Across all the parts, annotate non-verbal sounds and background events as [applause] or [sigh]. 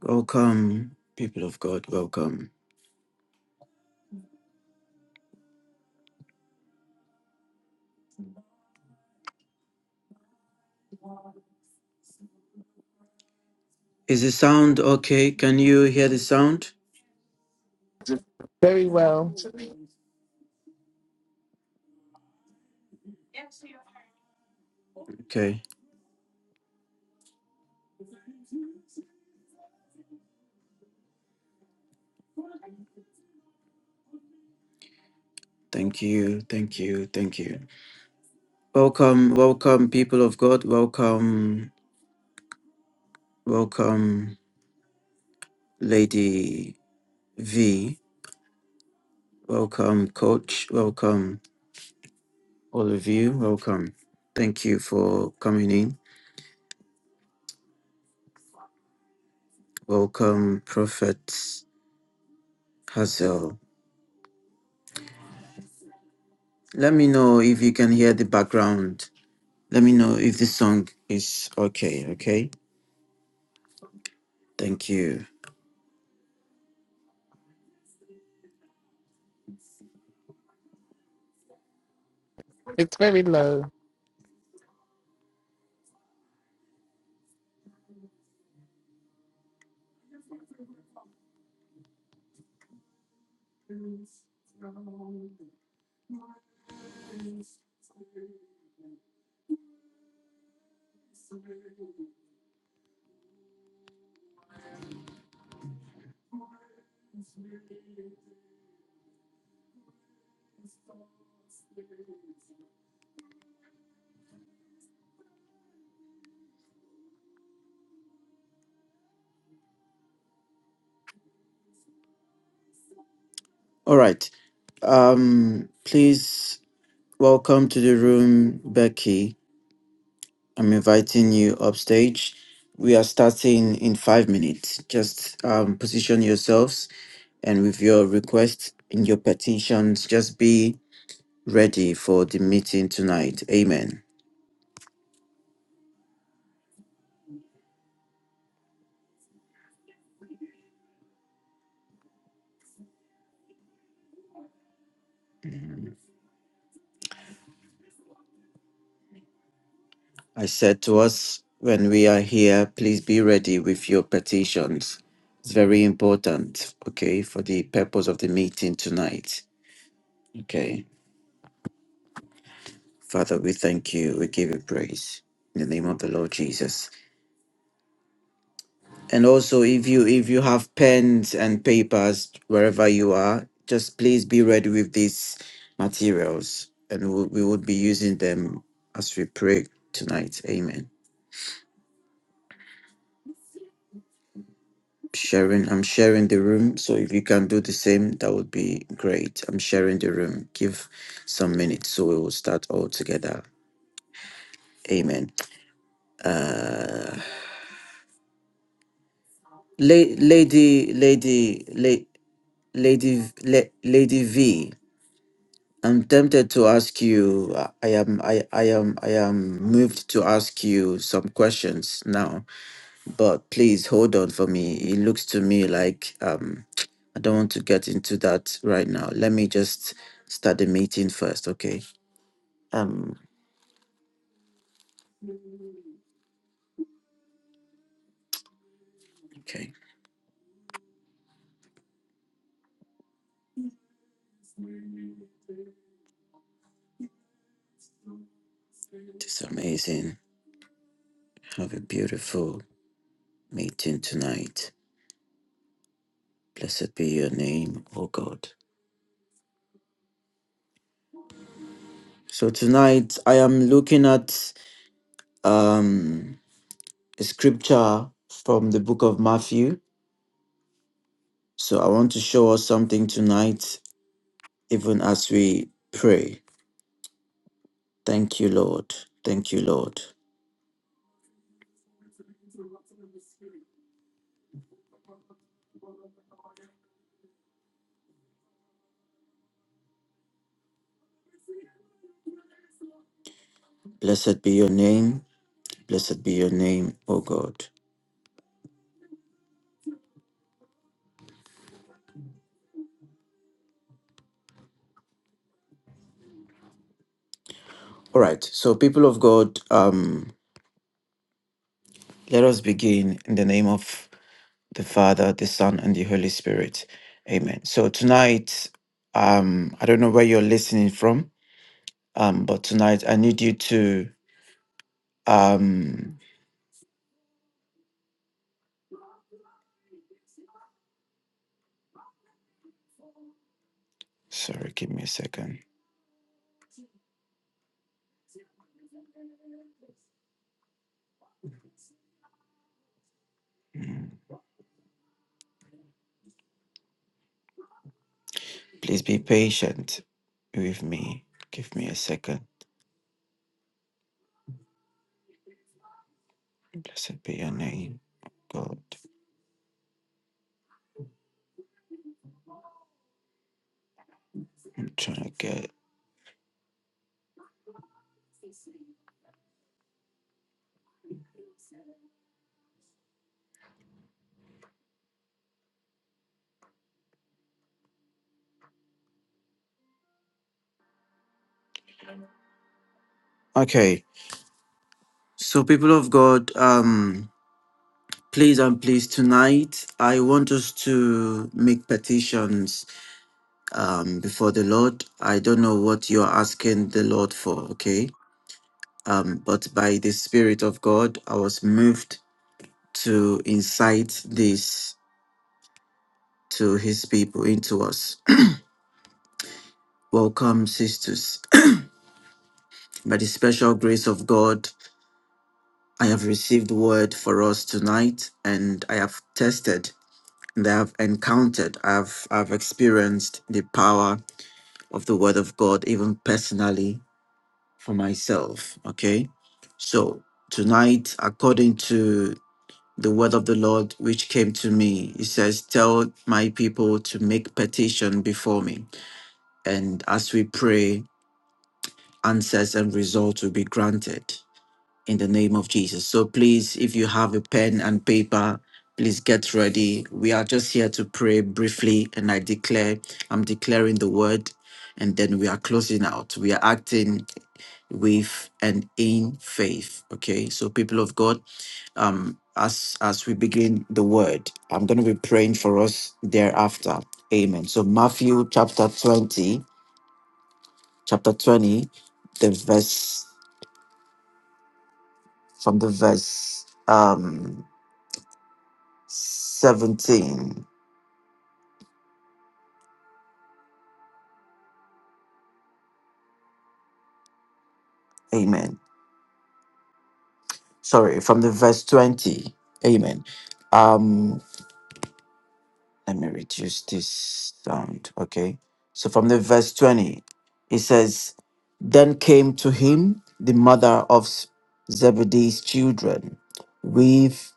Welcome, people of God. Welcome. Is the sound okay? Can you hear the sound? Very well. Okay. Thank you. Thank you. Thank you. Welcome. Welcome, people of God. Welcome. Welcome, Lady V. Welcome, Coach. Welcome, all of you. Welcome. Thank you for coming in. Welcome, Prophet Hazel. Let me know if you can hear the background. Let me know if the song is okay. Okay. Thank you. It's very low. All right. Um, please welcome to the room, Becky. I'm inviting you upstage. We are starting in five minutes. Just um, position yourselves and with your requests in your petitions, just be ready for the meeting tonight. Amen. I said to us when we are here, please be ready with your petitions. It's very important, okay, for the purpose of the meeting tonight. Okay. Father, we thank you. We give you praise in the name of the Lord Jesus. And also, if you if you have pens and papers wherever you are, just please be ready with these materials, and we, we would be using them as we pray tonight. Amen. Sharing, I'm sharing the room, so if you can do the same, that would be great. I'm sharing the room. Give some minutes, so we will start all together. Amen. Uh, la- lady, lady, lady. Lady Le, Lady V, I'm tempted to ask you. I I am I, I am I am moved to ask you some questions now, but please hold on for me. It looks to me like um I don't want to get into that right now. Let me just start the meeting first, okay? Um okay. It's amazing. Have a beautiful meeting tonight. Blessed be your name, oh God. So tonight I am looking at um a scripture from the book of Matthew. So I want to show us something tonight, even as we pray. Thank you, Lord. Thank you, Lord. Blessed be your name. Blessed be your name, O God. All right. So, people of God, um, let us begin in the name of the Father, the Son, and the Holy Spirit. Amen. So tonight, um, I don't know where you're listening from, um, but tonight I need you to um sorry, give me a second. Please be patient with me. Give me a second. Blessed be your name, God. I'm trying to get. Okay. So, people of God, um, please and please tonight, I want us to make petitions um, before the Lord. I don't know what you're asking the Lord for, okay? Um, but by the Spirit of God, I was moved to incite this to His people into us. [clears throat] Welcome, sisters. By the special grace of God, I have received word for us tonight, and I have tested, and I have encountered, I've I've experienced the power of the word of God, even personally for myself. Okay, so tonight, according to the word of the Lord which came to me, He says, "Tell my people to make petition before me, and as we pray, answers and results will be granted." in the name of Jesus. So please, if you have a pen and paper, please get ready. We are just here to pray briefly, and I declare, I'm declaring the word, and then we are closing out. We are acting with and in faith. Okay, so people of God, um, as as we begin the word, I'm going to be praying for us thereafter. Amen. So Matthew chapter 20, chapter 20, the verse from the verse. Um, 17. Amen. Sorry, from the verse 20. Amen. Um, let me reduce this sound. Okay. So from the verse 20, it says, Then came to him the mother of Zebedee's children with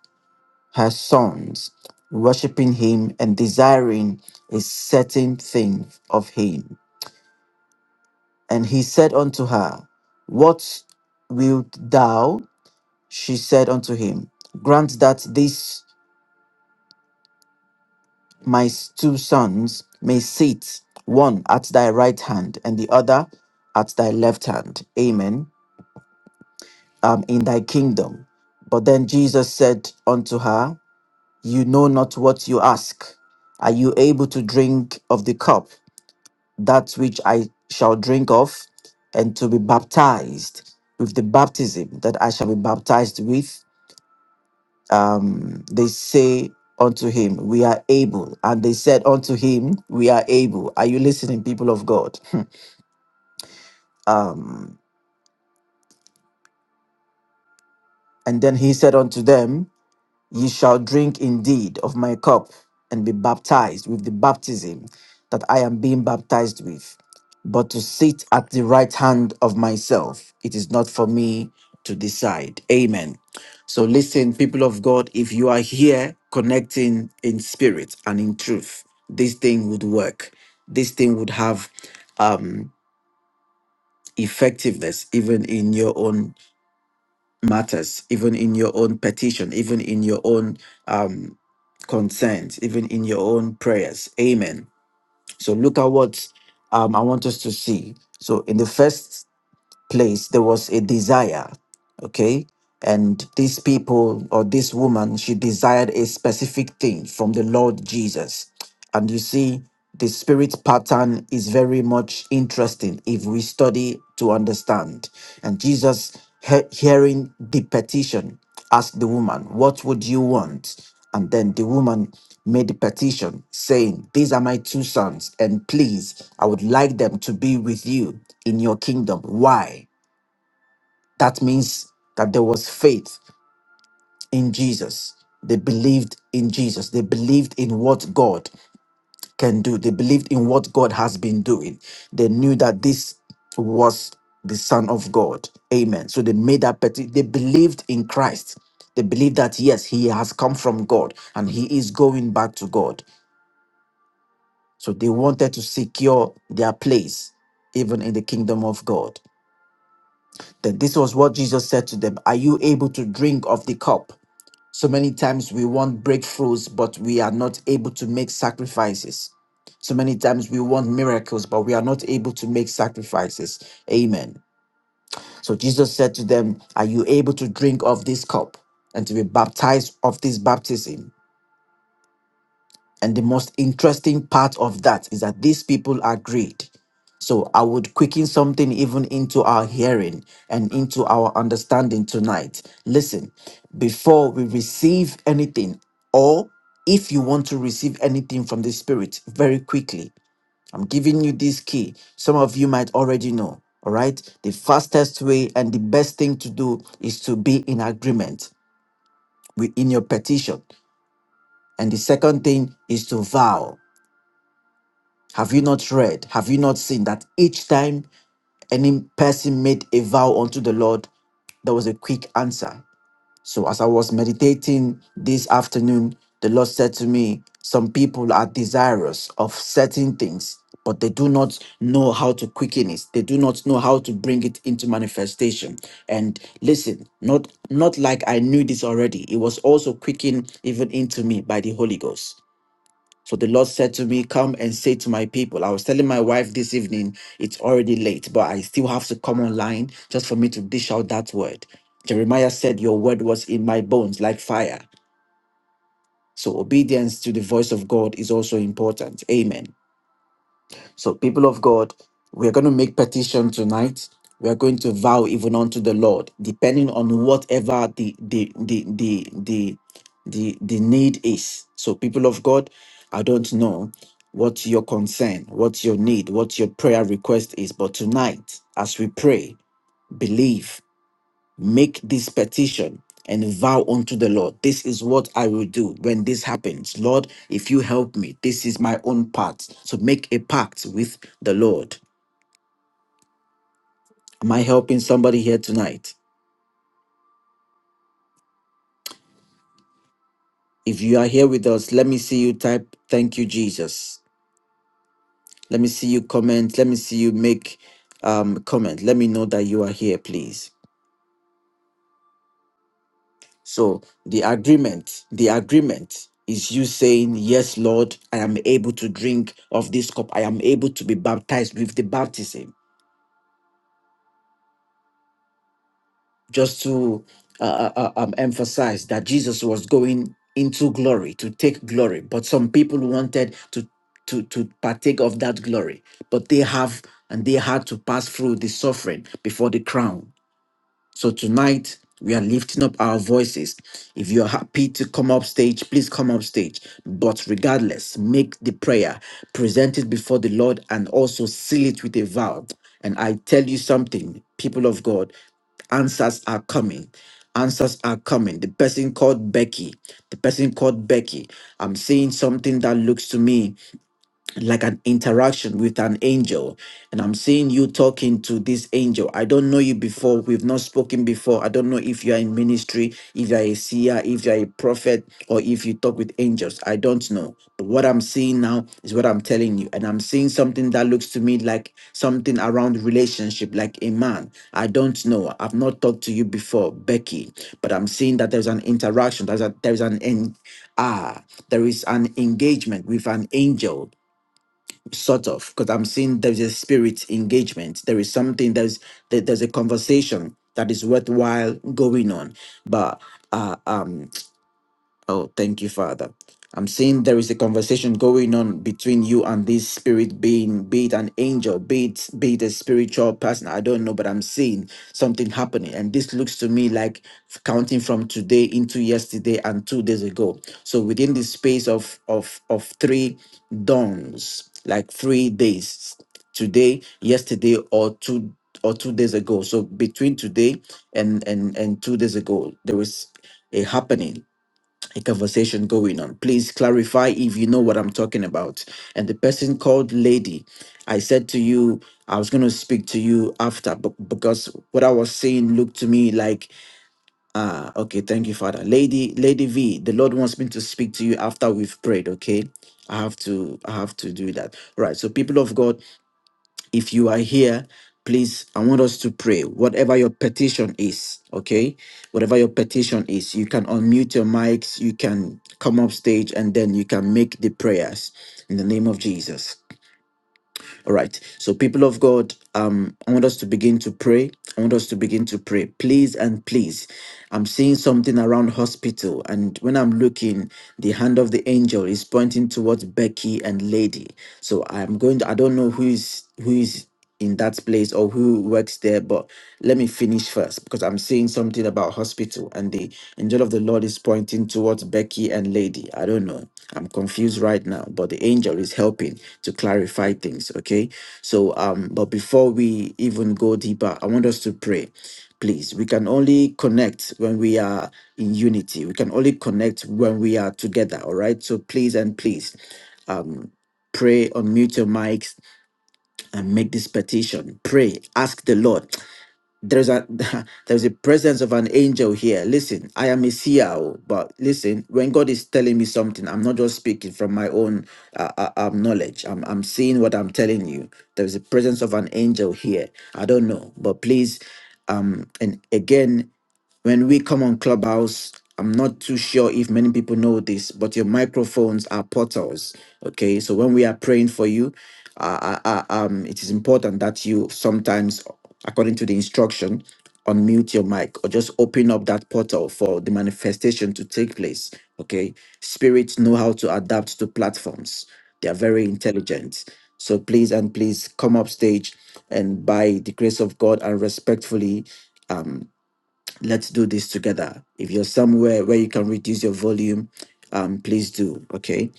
her sons, worshipping him and desiring a certain thing of him. And he said unto her, What wilt thou? She said unto him, Grant that these my two sons may sit, one at thy right hand and the other at thy left hand. Amen. Um, in thy kingdom. But then Jesus said unto her, You know not what you ask. Are you able to drink of the cup, that which I shall drink of, and to be baptized with the baptism that I shall be baptized with? um, they say unto him, We are able. And they said unto him, We are able. Are you listening, people of God? [laughs] um, and then he said unto them, Ye shall drink indeed of my cup and be baptized with the baptism that I am being baptized with. But to sit at the right hand of myself, it is not for me to decide. Amen. So, listen, people of God, if you are here connecting in spirit and in truth, this thing would work. This thing would have um, effectiveness even in your own matters, even in your own petition, even in your own um, concerns, even in your own prayers. Amen. So look at what um, I want us to see. So in the first place, there was a desire. Okay, and these people or this woman, she desired a specific thing from the Lord Jesus. And you see, the spirit pattern is very much interesting if we study to understand. And Jesus, he- hearing the petition, asked the woman, What would you want? And then the woman made the petition, saying, These are my two sons, and please, I would like them to be with you in your kingdom. Why? That means that there was faith in Jesus. They believed in Jesus. They believed in what God can do. They believed in what God has been doing. They knew that this was the Son of God. Amen. So they made that petition. They believed in Christ. They believed that, yes, he has come from God and he is going back to God. So they wanted to secure their place, even in the kingdom of God. Then this was what Jesus said to them Are you able to drink of the cup? So many times we want breakthroughs, but we are not able to make sacrifices. So many times we want miracles, but we are not able to make sacrifices. Amen. So Jesus said to them, Are you able to drink of this cup and to be baptized of this baptism? And the most interesting part of that is that these people agreed. So I would quicken something even into our hearing and into our understanding tonight. Listen, before we receive anything, or if you want to receive anything from the Spirit very quickly, I'm giving you this key. Some of you might already know. All right. The fastest way and the best thing to do is to be in agreement with- in your petition. And the second thing is to vow. Have you not read? Have you not seen that each time any person made a vow unto the Lord, there was a quick answer? So, as I was meditating this afternoon, the Lord said to me, Some people are desirous of certain things, but they do not know how to quicken it. They do not know how to bring it into manifestation. And listen, not not like I knew this already. It was also quickened even into me by the Holy Ghost. So the Lord said to me, Come and say to my people. I was telling my wife this evening, it's already late, but I still have to come online just for me to dish out that word. Jeremiah said, Your word was in my bones like fire. So obedience to the voice of God is also important. Amen. So, people of God, we are going to make petition tonight. We are going to vow even unto the Lord, depending on whatever the the the the the the, the need is. So, people of God, I don't know what your concern, what your need, what your prayer request is, but tonight, as we pray, believe make this petition and vow unto the Lord, this is what I will do when this happens. Lord, if you help me, this is my own part. So make a pact with the Lord. Am I helping somebody here tonight? If you are here with us, let me see you type, thank you, Jesus. Let me see you comment. Let me see you make um comment. Let me know that you are here, please. So the agreement, the agreement is you saying, Yes, Lord, I am able to drink of this cup. I am able to be baptized with the baptism. Just to uh, uh, uh, um, emphasize that Jesus was going into glory to take glory, but some people wanted to to to partake of that glory, but they have and they had to pass through the suffering before the crown So tonight we are lifting up our voices. If you're happy to come up stage, please come up stage. But regardless, make the prayer, present it before the Lord, and also seal it with a vow. And I tell you something, people of God, answers are coming. Answers are coming. The person called Becky, the person called Becky, I'm seeing something that looks to me like an interaction with an angel and i'm seeing you talking to this angel i don't know you before we've not spoken before i don't know if you are in ministry if you're a seer if you're a prophet or if you talk with angels i don't know but what i'm seeing now is what i'm telling you and i'm seeing something that looks to me like something around relationship like a man i don't know i've not talked to you before becky but i'm seeing that there's an interaction there's a there's an en- ah there is an engagement with an angel sort of because i'm seeing there's a spirit engagement there is something there's there, there's a conversation that is worthwhile going on but uh, um Oh, thank you, Father. I'm seeing there is a conversation going on between you and this spirit being, be it an angel, be it, be it a spiritual person. I don't know, but I'm seeing something happening. And this looks to me like counting from today into yesterday and two days ago. So within the space of of of three dawns, like three days, today, yesterday, or two or two days ago. So between today and and and two days ago, there was a happening a conversation going on. Please clarify if you know what I'm talking about. And the person called Lady, I said to you, I was going to speak to you after, but because what I was saying looked to me like, ah, okay, thank you, Father. Lady, Lady V, the Lord wants me to speak to you after we've prayed, okay? I have to, I have to do that. Right. So, people of God, if you are here, please, I want us to pray. Whatever your petition is, okay? Whatever your petition is, you can unmute your mics, you can come up stage, and then you can make the prayers in the name of Jesus. All right. So, people of God, um, I want us to begin to pray. I want us to begin to pray. Please and please. I'm seeing something around hospital, and when I'm looking, the hand of the angel is pointing towards Becky and Lady. So I'm going to I don't know who is who is in that place or who works there, but let me finish first because I'm saying something about hospital and the angel of the Lord is pointing towards Becky and Lady. I don't know. I'm confused right now, but the angel is helping to clarify things okay so um but before we even go deeper i want us to pray please we can only connect when we are in unity we can only connect when we are together all right so please and please um pray unmute your mics and make this petition pray ask the lord there's a [laughs] there's a presence of an angel here listen i am a CIO, but listen when god is telling me something i'm not just speaking from my own uh, uh, um, knowledge I'm, I'm seeing what i'm telling you there's a presence of an angel here i don't know but please um and again when we come on Clubhouse, I'm not too sure if many people know this, but your microphones are portals. Okay, so when we are praying for you, uh, uh, uh, um, it is important that you sometimes, according to the instruction, unmute your mic or just open up that portal for the manifestation to take place. Okay, spirits know how to adapt to platforms; they are very intelligent. So please and please come up stage, and by the grace of God and respectfully um, Let's do this together. If you're somewhere where you can reduce your volume, um, please do. Okay.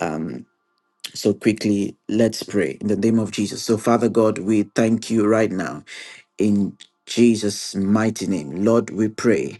Um, so quickly, let's pray in the name of Jesus. So, Father God, we thank you right now in Jesus' mighty name. Lord, we pray.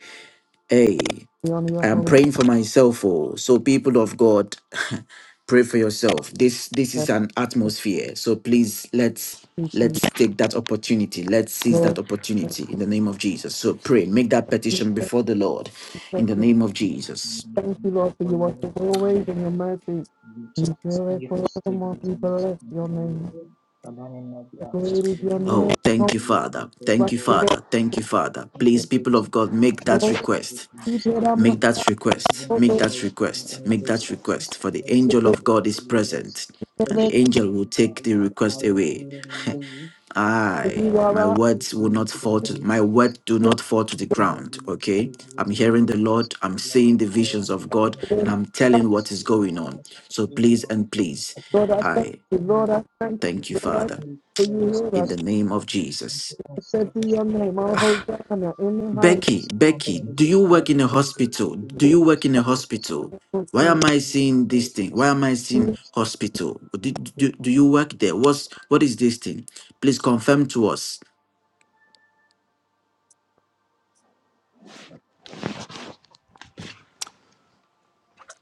Hey. We honor your I am holy praying for myself. Oh, so people of God, [laughs] pray for yourself. This this is an atmosphere. So please let's presence, let's take that opportunity. Let's seize that Lord. opportunity in the name of Jesus. So pray, make that petition before the Lord in Thank the you, name of Jesus. Lord, for Before your you, worship always Lord, and your mercies. we trust. Thank Enjoy you for forevermore. stability We and bless your name. responsibility. For letting not be Great is your absolute of name. Oh, any thank Not you, Father. relation there, Thank like you, O the rest. Lord. Father. Thank you, Father. May we Please, do people this of for God, you make and that Lord, establish request. in you this did country. Make that request. Even the Make Lord that your request. company Make great that success, request. For the praise the angel of wicked God and is the years, present, the and the shame angel of will the take the Lord, I request will away. live I you are my our with words will you not to the fall to my nations. word do not fall to the Compare ground. these Okay. I'm previous hearing the dimensions, Lord, O I'm Lord. seeing the I visions am of God, and connected I'm to telling the what is scale, going but I on. So still, please Lord, and please, Lord, I recognize thank and I you. give Lord, I me thank you. thank you, Lord, I give Father, me thank you. clearly Lord, in I the name of satisfactoriness, this Jesus. country thank you. Your establishment, O name, I'll Lord. hold down your the high. Becky, This company Becky, which do is you work left in a already will hospital? Do you be work in a still hospital? established within Why the am I building to the seeing this thing? nations Why am in I seeing Jesus' name. hospital? Do, do, do you Amen. work there? What's what is this thing? Please confirm to us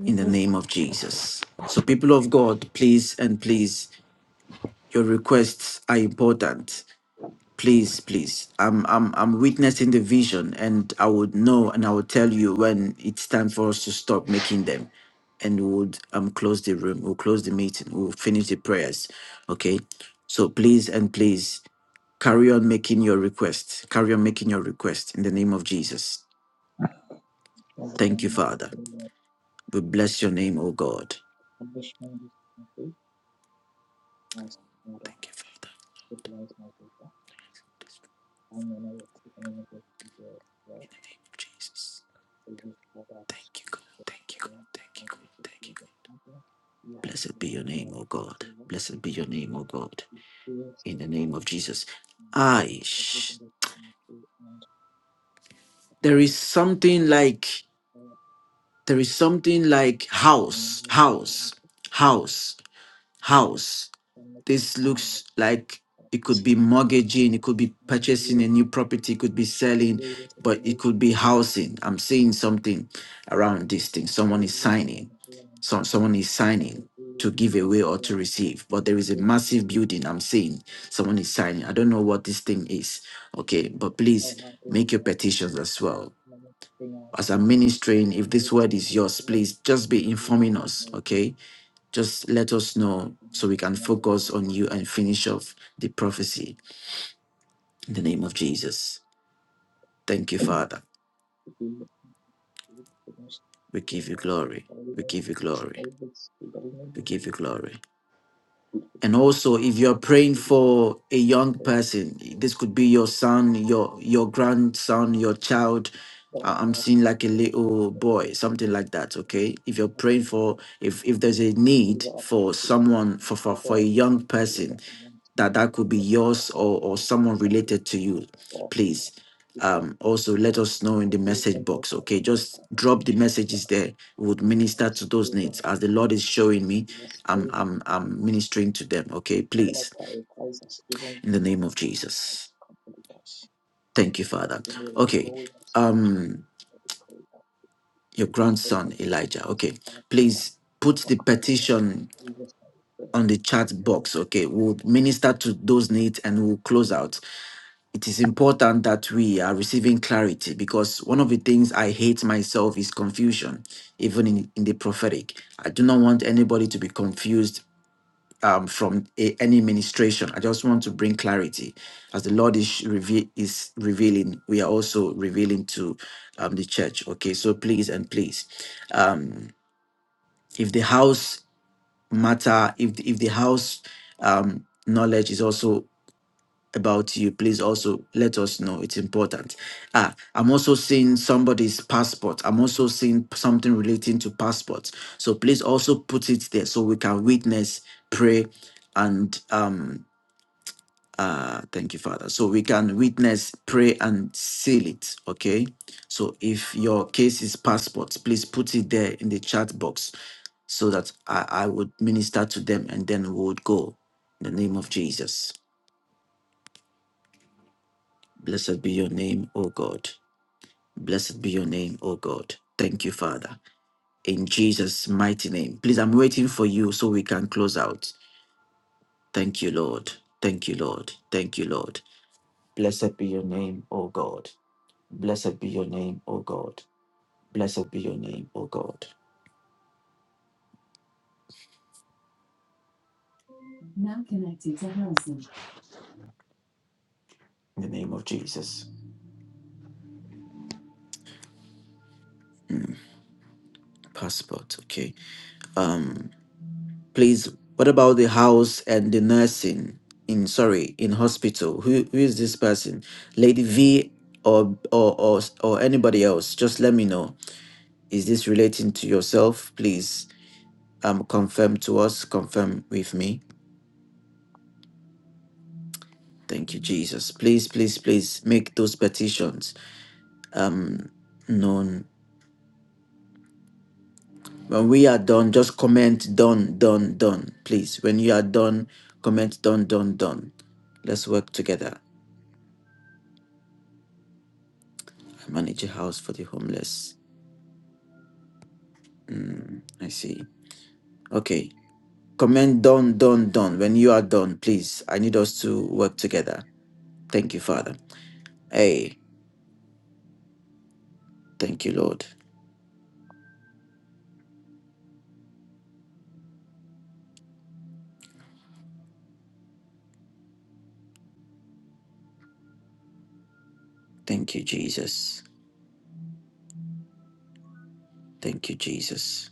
in the name of Jesus. So, people of God, please and please, your requests are important. Please, please. I'm I'm I'm witnessing the vision and I would know and I will tell you when it's time for us to stop making them. And we would um close the room. We'll close the meeting. We'll finish the prayers. Okay. So please and please carry on making your request. Carry on making your request in the name of Jesus. Father, I Thank you, am Father. establishment We bless your name, O God. of this country as Lord, Thank you, Father. stabilize my faith I'm gonna let you in with this video, yeah. name of Jesus. They just go back Thank you, God. to the Thank you, God. thing, Thank and you, they God. just Thank do you. the God. content. You have to Blessed be look your name, more like O God. Steven. Blessed be your name, O God. He feels In the the name light of of the Jesus. thing, like the Aish. visible thing to and the There vision is of something the world. like So, there is something like when house, you're looking for him house, to see, house, house. then looking at This how looks uh, like it could this be company belongs mortgaging, it to could you, be and the purchasing years, a new property, it could be the selling, various of the but it could nations, be housing. I'm seeing something around this thing. I Someone will is look on signing. him, So someone is I signing will always to give go away or for to him. receive. But there They is a do not know massive you, building I'm seeing. Someone is signing. I don't know what this thing is. Okay, but I please will not be make your relaxed if petitions we as can't well. learn anything else. As I'm ministering, if this Lead us word into is yours, right please just we will be be with informing the us. nation Okay just let us know and so we minds can in the name of focus on Jesus you and Christ. finish off the prophecy in the name of Jesus. Thank you, Father. To be with you, to be We with your give you love, glory. all We your give you glory. always be government, We we give you glory. will And also, if you're praying be the church for a young for that. person, this could be your son, your your grandson, your child. That I- will I'm help seeing like a finish us little for that. boy, We something are like that. Okay, if you're praying for, if if there's a and the need people of for speed someone and for the for, for people a of God, young people person, of amongst that men, that could be people before yours men, or, or someone people related to you, of please. because Um, also, let before us know in the the days message when no box, okay? partner Just Father that drop the should be messages there. We would like minister to us, those dear needs Lord, as the Lord is showing me. you must I'm, save them, I'm, I'm Father. ministering to them, okay? I do Please, not prioritize us even in the before name the of prioritize Jesus. complete us. Thank you, Father. You may Okay. rebuild our solution Um, before the prayer, your before you grandson consider Elijah. us Okay, one of our please put or the complete us. In petition Jesus' name we on the chat pray. box. Okay, we'll minister to those needs and we'll close out. it is important that we are receiving clarity because one of the things I hate myself is confusion, even in, in the prophetic. I do not want anybody to be confused um, from a- any ministration. I just want to bring clarity. As the Lord is, reve- is revealing, we are also revealing to um, the church. Okay, so please and please, um, if the house matter, if the, if the house um, knowledge is also about you, please also let us know. It's important. Ah, I'm also seeing somebody's passport. I'm also seeing something relating to passports. So please also put it there so we can witness, pray, and um uh thank you, Father. So we can witness, pray, and seal it. Okay. So if your case is passports, please put it there in the chat box so that I, I would minister to them and then we would go. In the name of Jesus. Blessed be your name, O God. Blessed be your name, O God. Thank you, Father. In Jesus' mighty name. Please, I'm waiting for you so we can close out. Thank you, Lord. Thank you, Lord. Thank you, Lord. Blessed be your name, O God. Blessed be your name, O God. Blessed be your name, O God. Now connected to Harrison. In the name of Jesus. Mm, passport, okay. Um. Please, what about the house and the nursing in sorry in hospital? Who who is this person? Lady V or or or or anybody else? Just let me know. Is this relating to yourself? Please, um, confirm to us. Confirm with me. Thank you, Jesus. Please, please, please make those petitions um known. When we are done, just comment done, done, done. Please, when you are done, comment done, done, done. Let's work together. Manage a house for the homeless. Mm, I see. Okay. Comment done, done, done. When you are done, please. I need us to work together. Thank you, Father. Hey, thank you, Lord. Thank you, Jesus. Thank you, Jesus.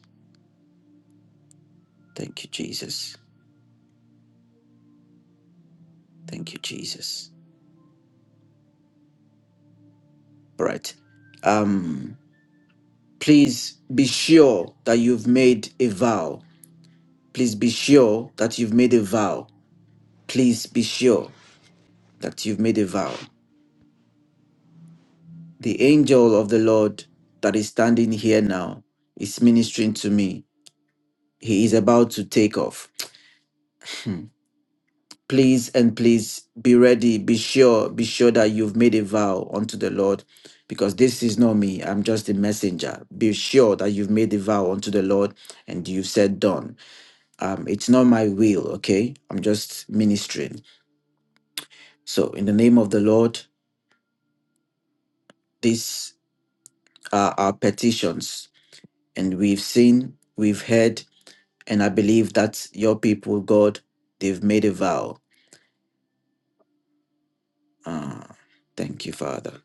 Thank you, Jesus. Thank you, Jesus. All right. Um, please be sure that you've made a vow. Please be sure that you've made a vow. Please be sure that you've made a vow. The angel of the Lord that is standing here now is ministering to me. He is about to take off. Hmm. Please and please be ready. Be sure. Be sure that you've made a vow unto the Lord because this is not me. I'm just a messenger. Be sure that you've made a vow unto the Lord and you've said, Done. Um, it's not my will, okay? I'm just ministering. So, in the name of the Lord, these are our petitions. And we've seen, we've heard, And I believe that your people, God, they've made a vow. Ah, thank you, Father.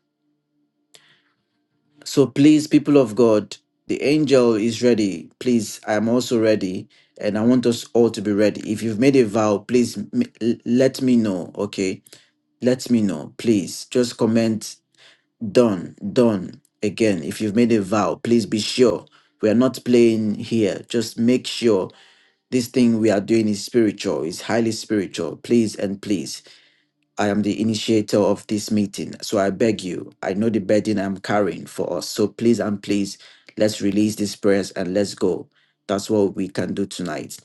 So please, people of God, the angel is ready. Please, I am also ready. And I want us all to be ready. If you've made a vow, please m- l- let me know. Okay. Let me know. Please just comment done, done. Again, if you've made a vow, please be sure. We are not playing here. Just make sure this thing we are doing is spiritual, is highly spiritual. Please and please. I am the initiator of this meeting. So I beg you, I know the burden I'm carrying for us. So please and please, let's release these prayers and let's go. That's what we can do tonight.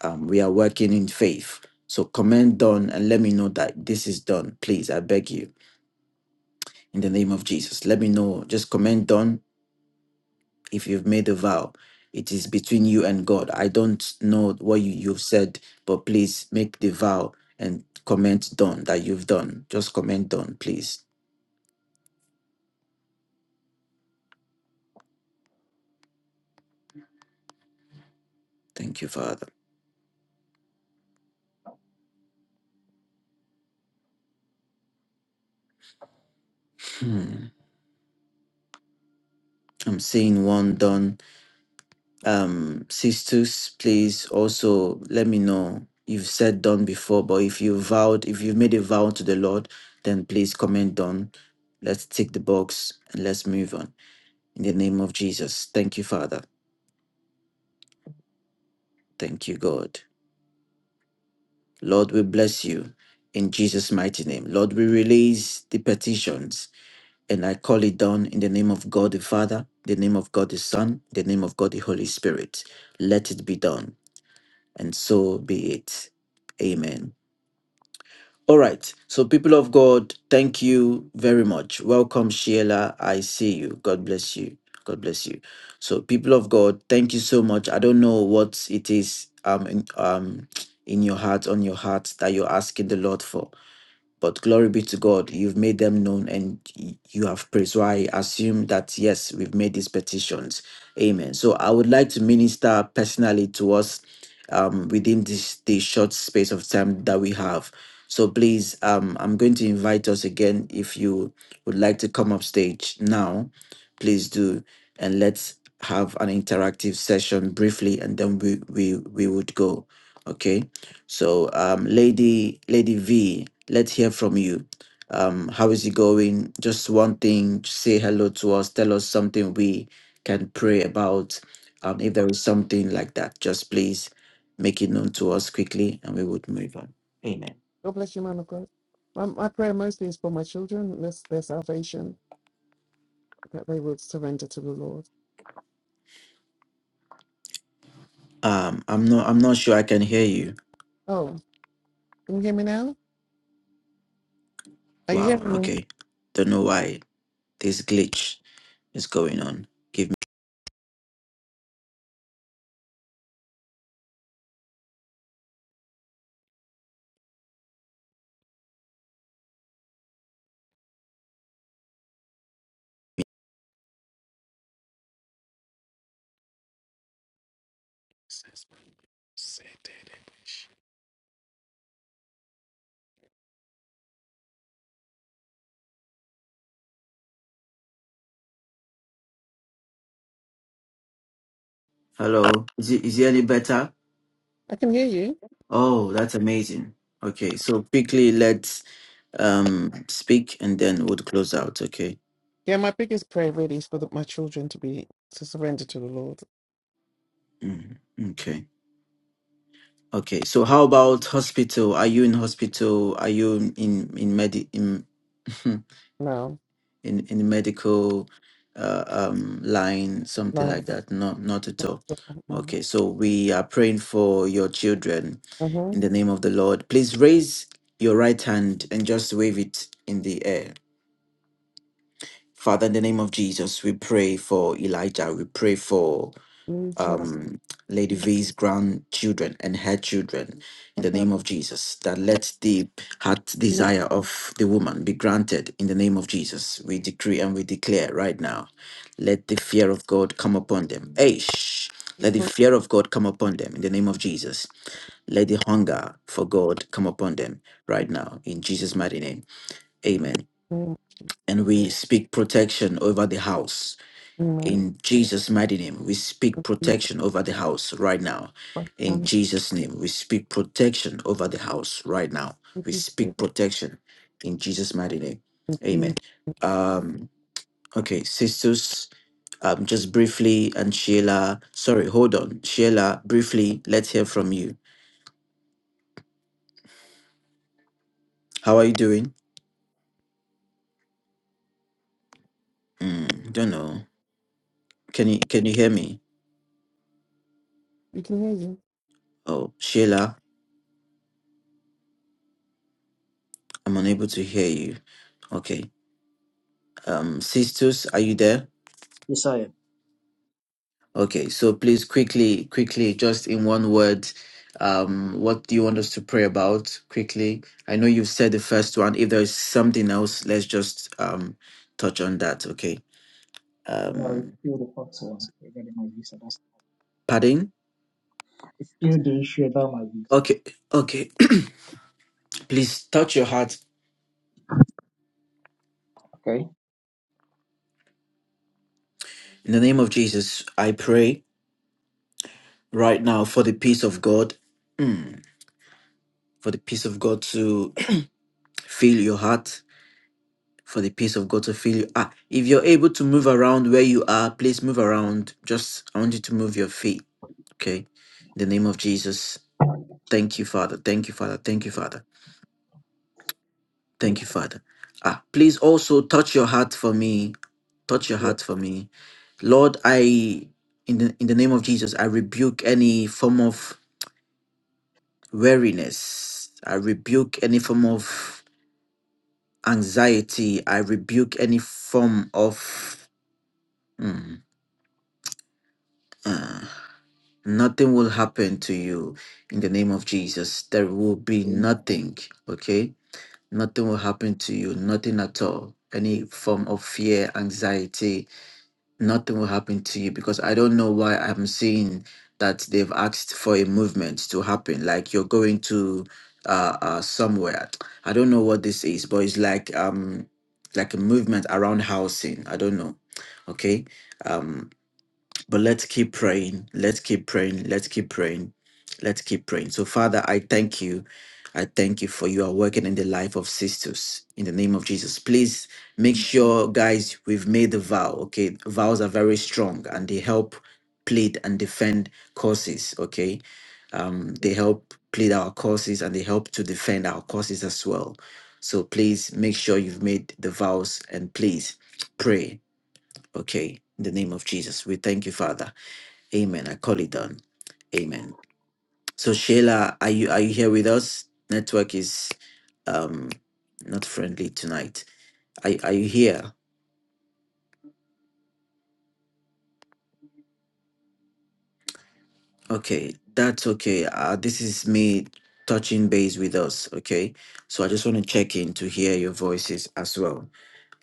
Um, we are working in faith. So comment done and let me know that this is done. Please, I beg you, in the name of Jesus. Let me know. Just comment done if you've made a vow. It is between you and God. I don't know what you, you've said, but please make the vow and comment done that you've done. Just comment done, please. Thank you, Father. Hmm. I'm seeing one done. Um, sisters, please also let me know. You've said done before, but if you vowed, if you've made a vow to the Lord, then please comment done. Let's tick the box and let's move on. In the name of Jesus. Thank you, Father. Thank you, God. Lord, we bless you in Jesus' mighty name. Lord, we release the petitions And I call it done in the name of God the Father, the name of God the Son, the name of God the Holy Spirit. Let it be done. And so be it. Amen. All right. So, people of God, thank you very much. Welcome, Sheila. I see you. God bless you. God bless you. So, people of God, thank you so much. I don't know what it is um, in, um, in your heart, on your heart, that you're asking the Lord for but glory be to God, you've made them known and y- you have prayed. So I assume that yes, we've made these petitions. Amen. So I would like to minister personally to us um, within this the short space of time that we have. So please, um, I'm going to invite us again. If you would like to come up stage now, please do, and let's have an interactive session briefly, and then we we we would go. Okay. So, um, Lady Lady V, let's hear from you. Um, how is it going? Just one thing, just say hello to us. Tell us something we can pray about. Um, if there is something like that, just please make it known to us quickly, and we would move on. Amen. God bless you, man of God. My, my prayer mostly is for my children, this, their salvation that they would surrender to the Lord. Um, I'm not. I'm not sure I can hear you. Oh, can you hear me now? Are you Wow. hearing me? Okay. Don't know why this glitch is going on. Give me. Hello. Is it, is it any better? I can hear you. Oh, that's amazing. Okay. So quickly, let's um speak and then we'll close out okay Yeah, my biggest prayer really is for the, my children to be to surrender to the Lord. Mhm. okay okay so how about hospital are you in hospital are you in in in medi in [laughs] No, in, in medical uh, um line something no, like that no not at all no. okay so we are praying for your children Uh-huh. in the name of the lord please raise your right hand and just wave it in the air father in the name of jesus we pray for elijah we pray for You shall um, Lady V's grandchildren and her children in have the name of Jesus. That let the heart desire of the woman be granted in the name of Jesus. We decree and we declare right now. Let the fear of God come upon them. Aish. Let the fear of God come upon them in the name of Jesus. Let the hunger for God come upon them right now in Jesus' mighty name. Amen. And we speak protection over the house in Jesus' mighty name, we speak protection over the house right now. In Jesus' name, we speak protection over the house right now. We speak protection in Jesus' mighty name. Amen. You Um, okay, sisters, um, just briefly, and Sheila, sorry, hold on. Sheila, briefly, let's hear from you. How are you doing? Mm, don't know. Can you can you hear me? can hear you. Oh, Sheila, I'm unable to hear you. Okay. Um, sisters, are you there? Yes, I am. Okay, so please quickly, quickly, just in one word, um, what do you want us to pray about? Quickly, I know you've said the first one. If there's something else, let's just um touch on that. Okay. I'm going to Um, repeal the first one regarding my visa. That's pardon? it's still the issue about my visa. Okay, okay. [clears throat] please touch your heart Okay? in the name of Jesus. I pray right now for the peace of God. Mm, For the peace of God to [clears throat] fill your heart for the peace of God to fill you. Ah, if you're able to move around where you are, please move around. Just I want you to move your feet. Okay. In the name of Jesus. Thank you, Father. Thank you, Father. Thank you, Father. Thank Yeah. you, Father. Ah, please also touch your heart for me. Touch your heart Yes. for me. Lord, I in the in the name of Jesus, I rebuke any form of weariness. I rebuke any form of anxiety. I rebuke any form of mm, Nothing will happen to you in the name of Jesus. There will be Amen. nothing, okay? Nothing will Yes. happen to you, nothing at all. Any form of fear, anxiety, nothing will happen to you because I don't know why I'm seeing that they've asked for a movement to happen. Like you're going to uh, uh somewhere. I don't know what this is, but it's like um like a movement around housing. I don't know. Okay. Um, but let's keep praying. Let's keep praying. Let's keep praying. Let's keep praying. So, Father, I thank you. I thank you for you are working in the life of sisters in the name of Jesus. Please make Amen. sure, guys, we've made the vow. Okay. Vows are very strong and they help plead and defend causes. Okay. Um, they help plead our causes and they help to defend our causes as well. So please make sure you've made the vows and please pray. Okay. In the name of Jesus. We thank you, Father. Amen. I call it done. Amen. So Sheila, are you are you here with us? Network is um not friendly tonight. Are are you here? Okay, that's okay. Uh this is me touching base with us, okay? So I just want to check in to hear your voices as well.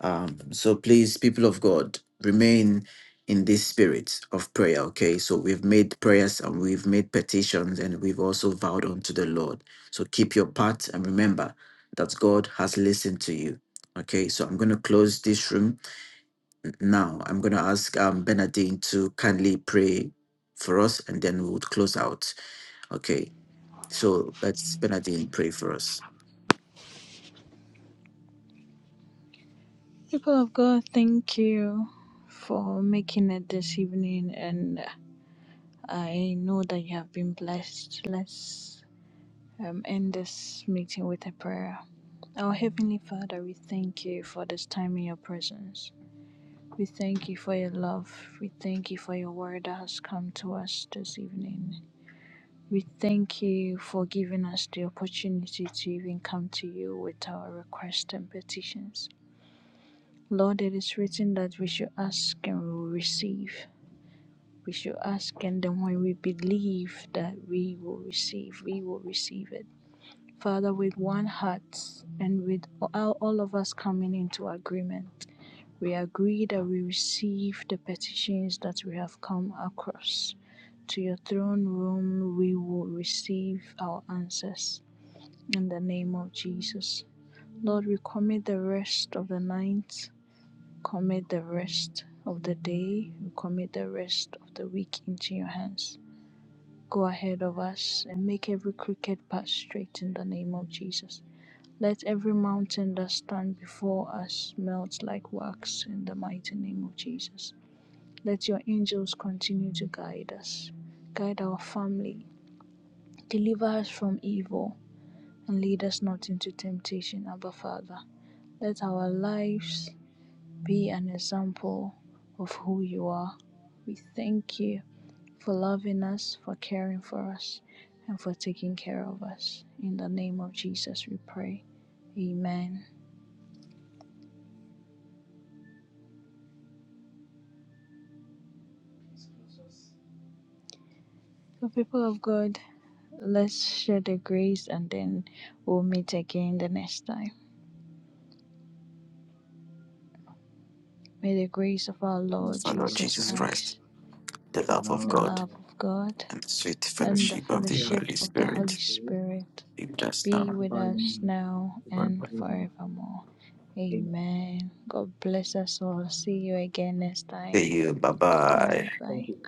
Um, so please, people of God, remain in this spirit of prayer. Okay, so we've made prayers and we've made petitions and we've also vowed unto the Lord. So keep your part and remember that God has listened to you. Okay, so I'm going to close this room now. I'm going to ask um, Bernadine to kindly pray for us and then we'll close out. Okay, so let's Bernadine pray for us. People of God, thank you for making it this evening, and I know that you have been blessed. Let's um, end this meeting with a prayer. Our Heavenly Father, we thank you for this time in your presence. We thank you for your love. We thank you for your word that has come to us this evening. We thank you for giving us the opportunity to even come to you with our requests and petitions. Lord, it is written that we should ask and we will receive. We should ask, and then when we believe that we will receive, we will receive it. Father, with one heart and with all all of us coming into agreement, we agree that we receive the petitions that we have come across. To your throne room, we will receive our answers in the name of Jesus. Lord, we commit the rest of the night, commit the rest of the day, we commit the rest of the week into your hands. Go ahead of us and make every crooked path straight in the name of Jesus. Let every mountain that stands before us melt like wax in the mighty name of Jesus. Let your angels continue to guide us, guide our family, deliver us from evil, and lead us not into temptation, Abba Father. Let our lives be an example of who you are. We thank you for loving us, for caring for us, and for taking care of us. In the name of Jesus, we pray. Amen. So, people of God, let's share the grace and then we'll meet again the next time. May the grace of our In Lord Son of Jesus' Jesus Jesus name. Christ, Christ, the love of beloved the God, love God, of God, and the sweet and and the the fellowship good of the fellowship Holy fellowship of of the the Holy Spirit Spirit Spirit be with us now. be and with abide in us us now today and and forever. forevermore. Amen. Amen. God bless us all. See you again next time. See you. Bye All bye. right, Thank bye. you.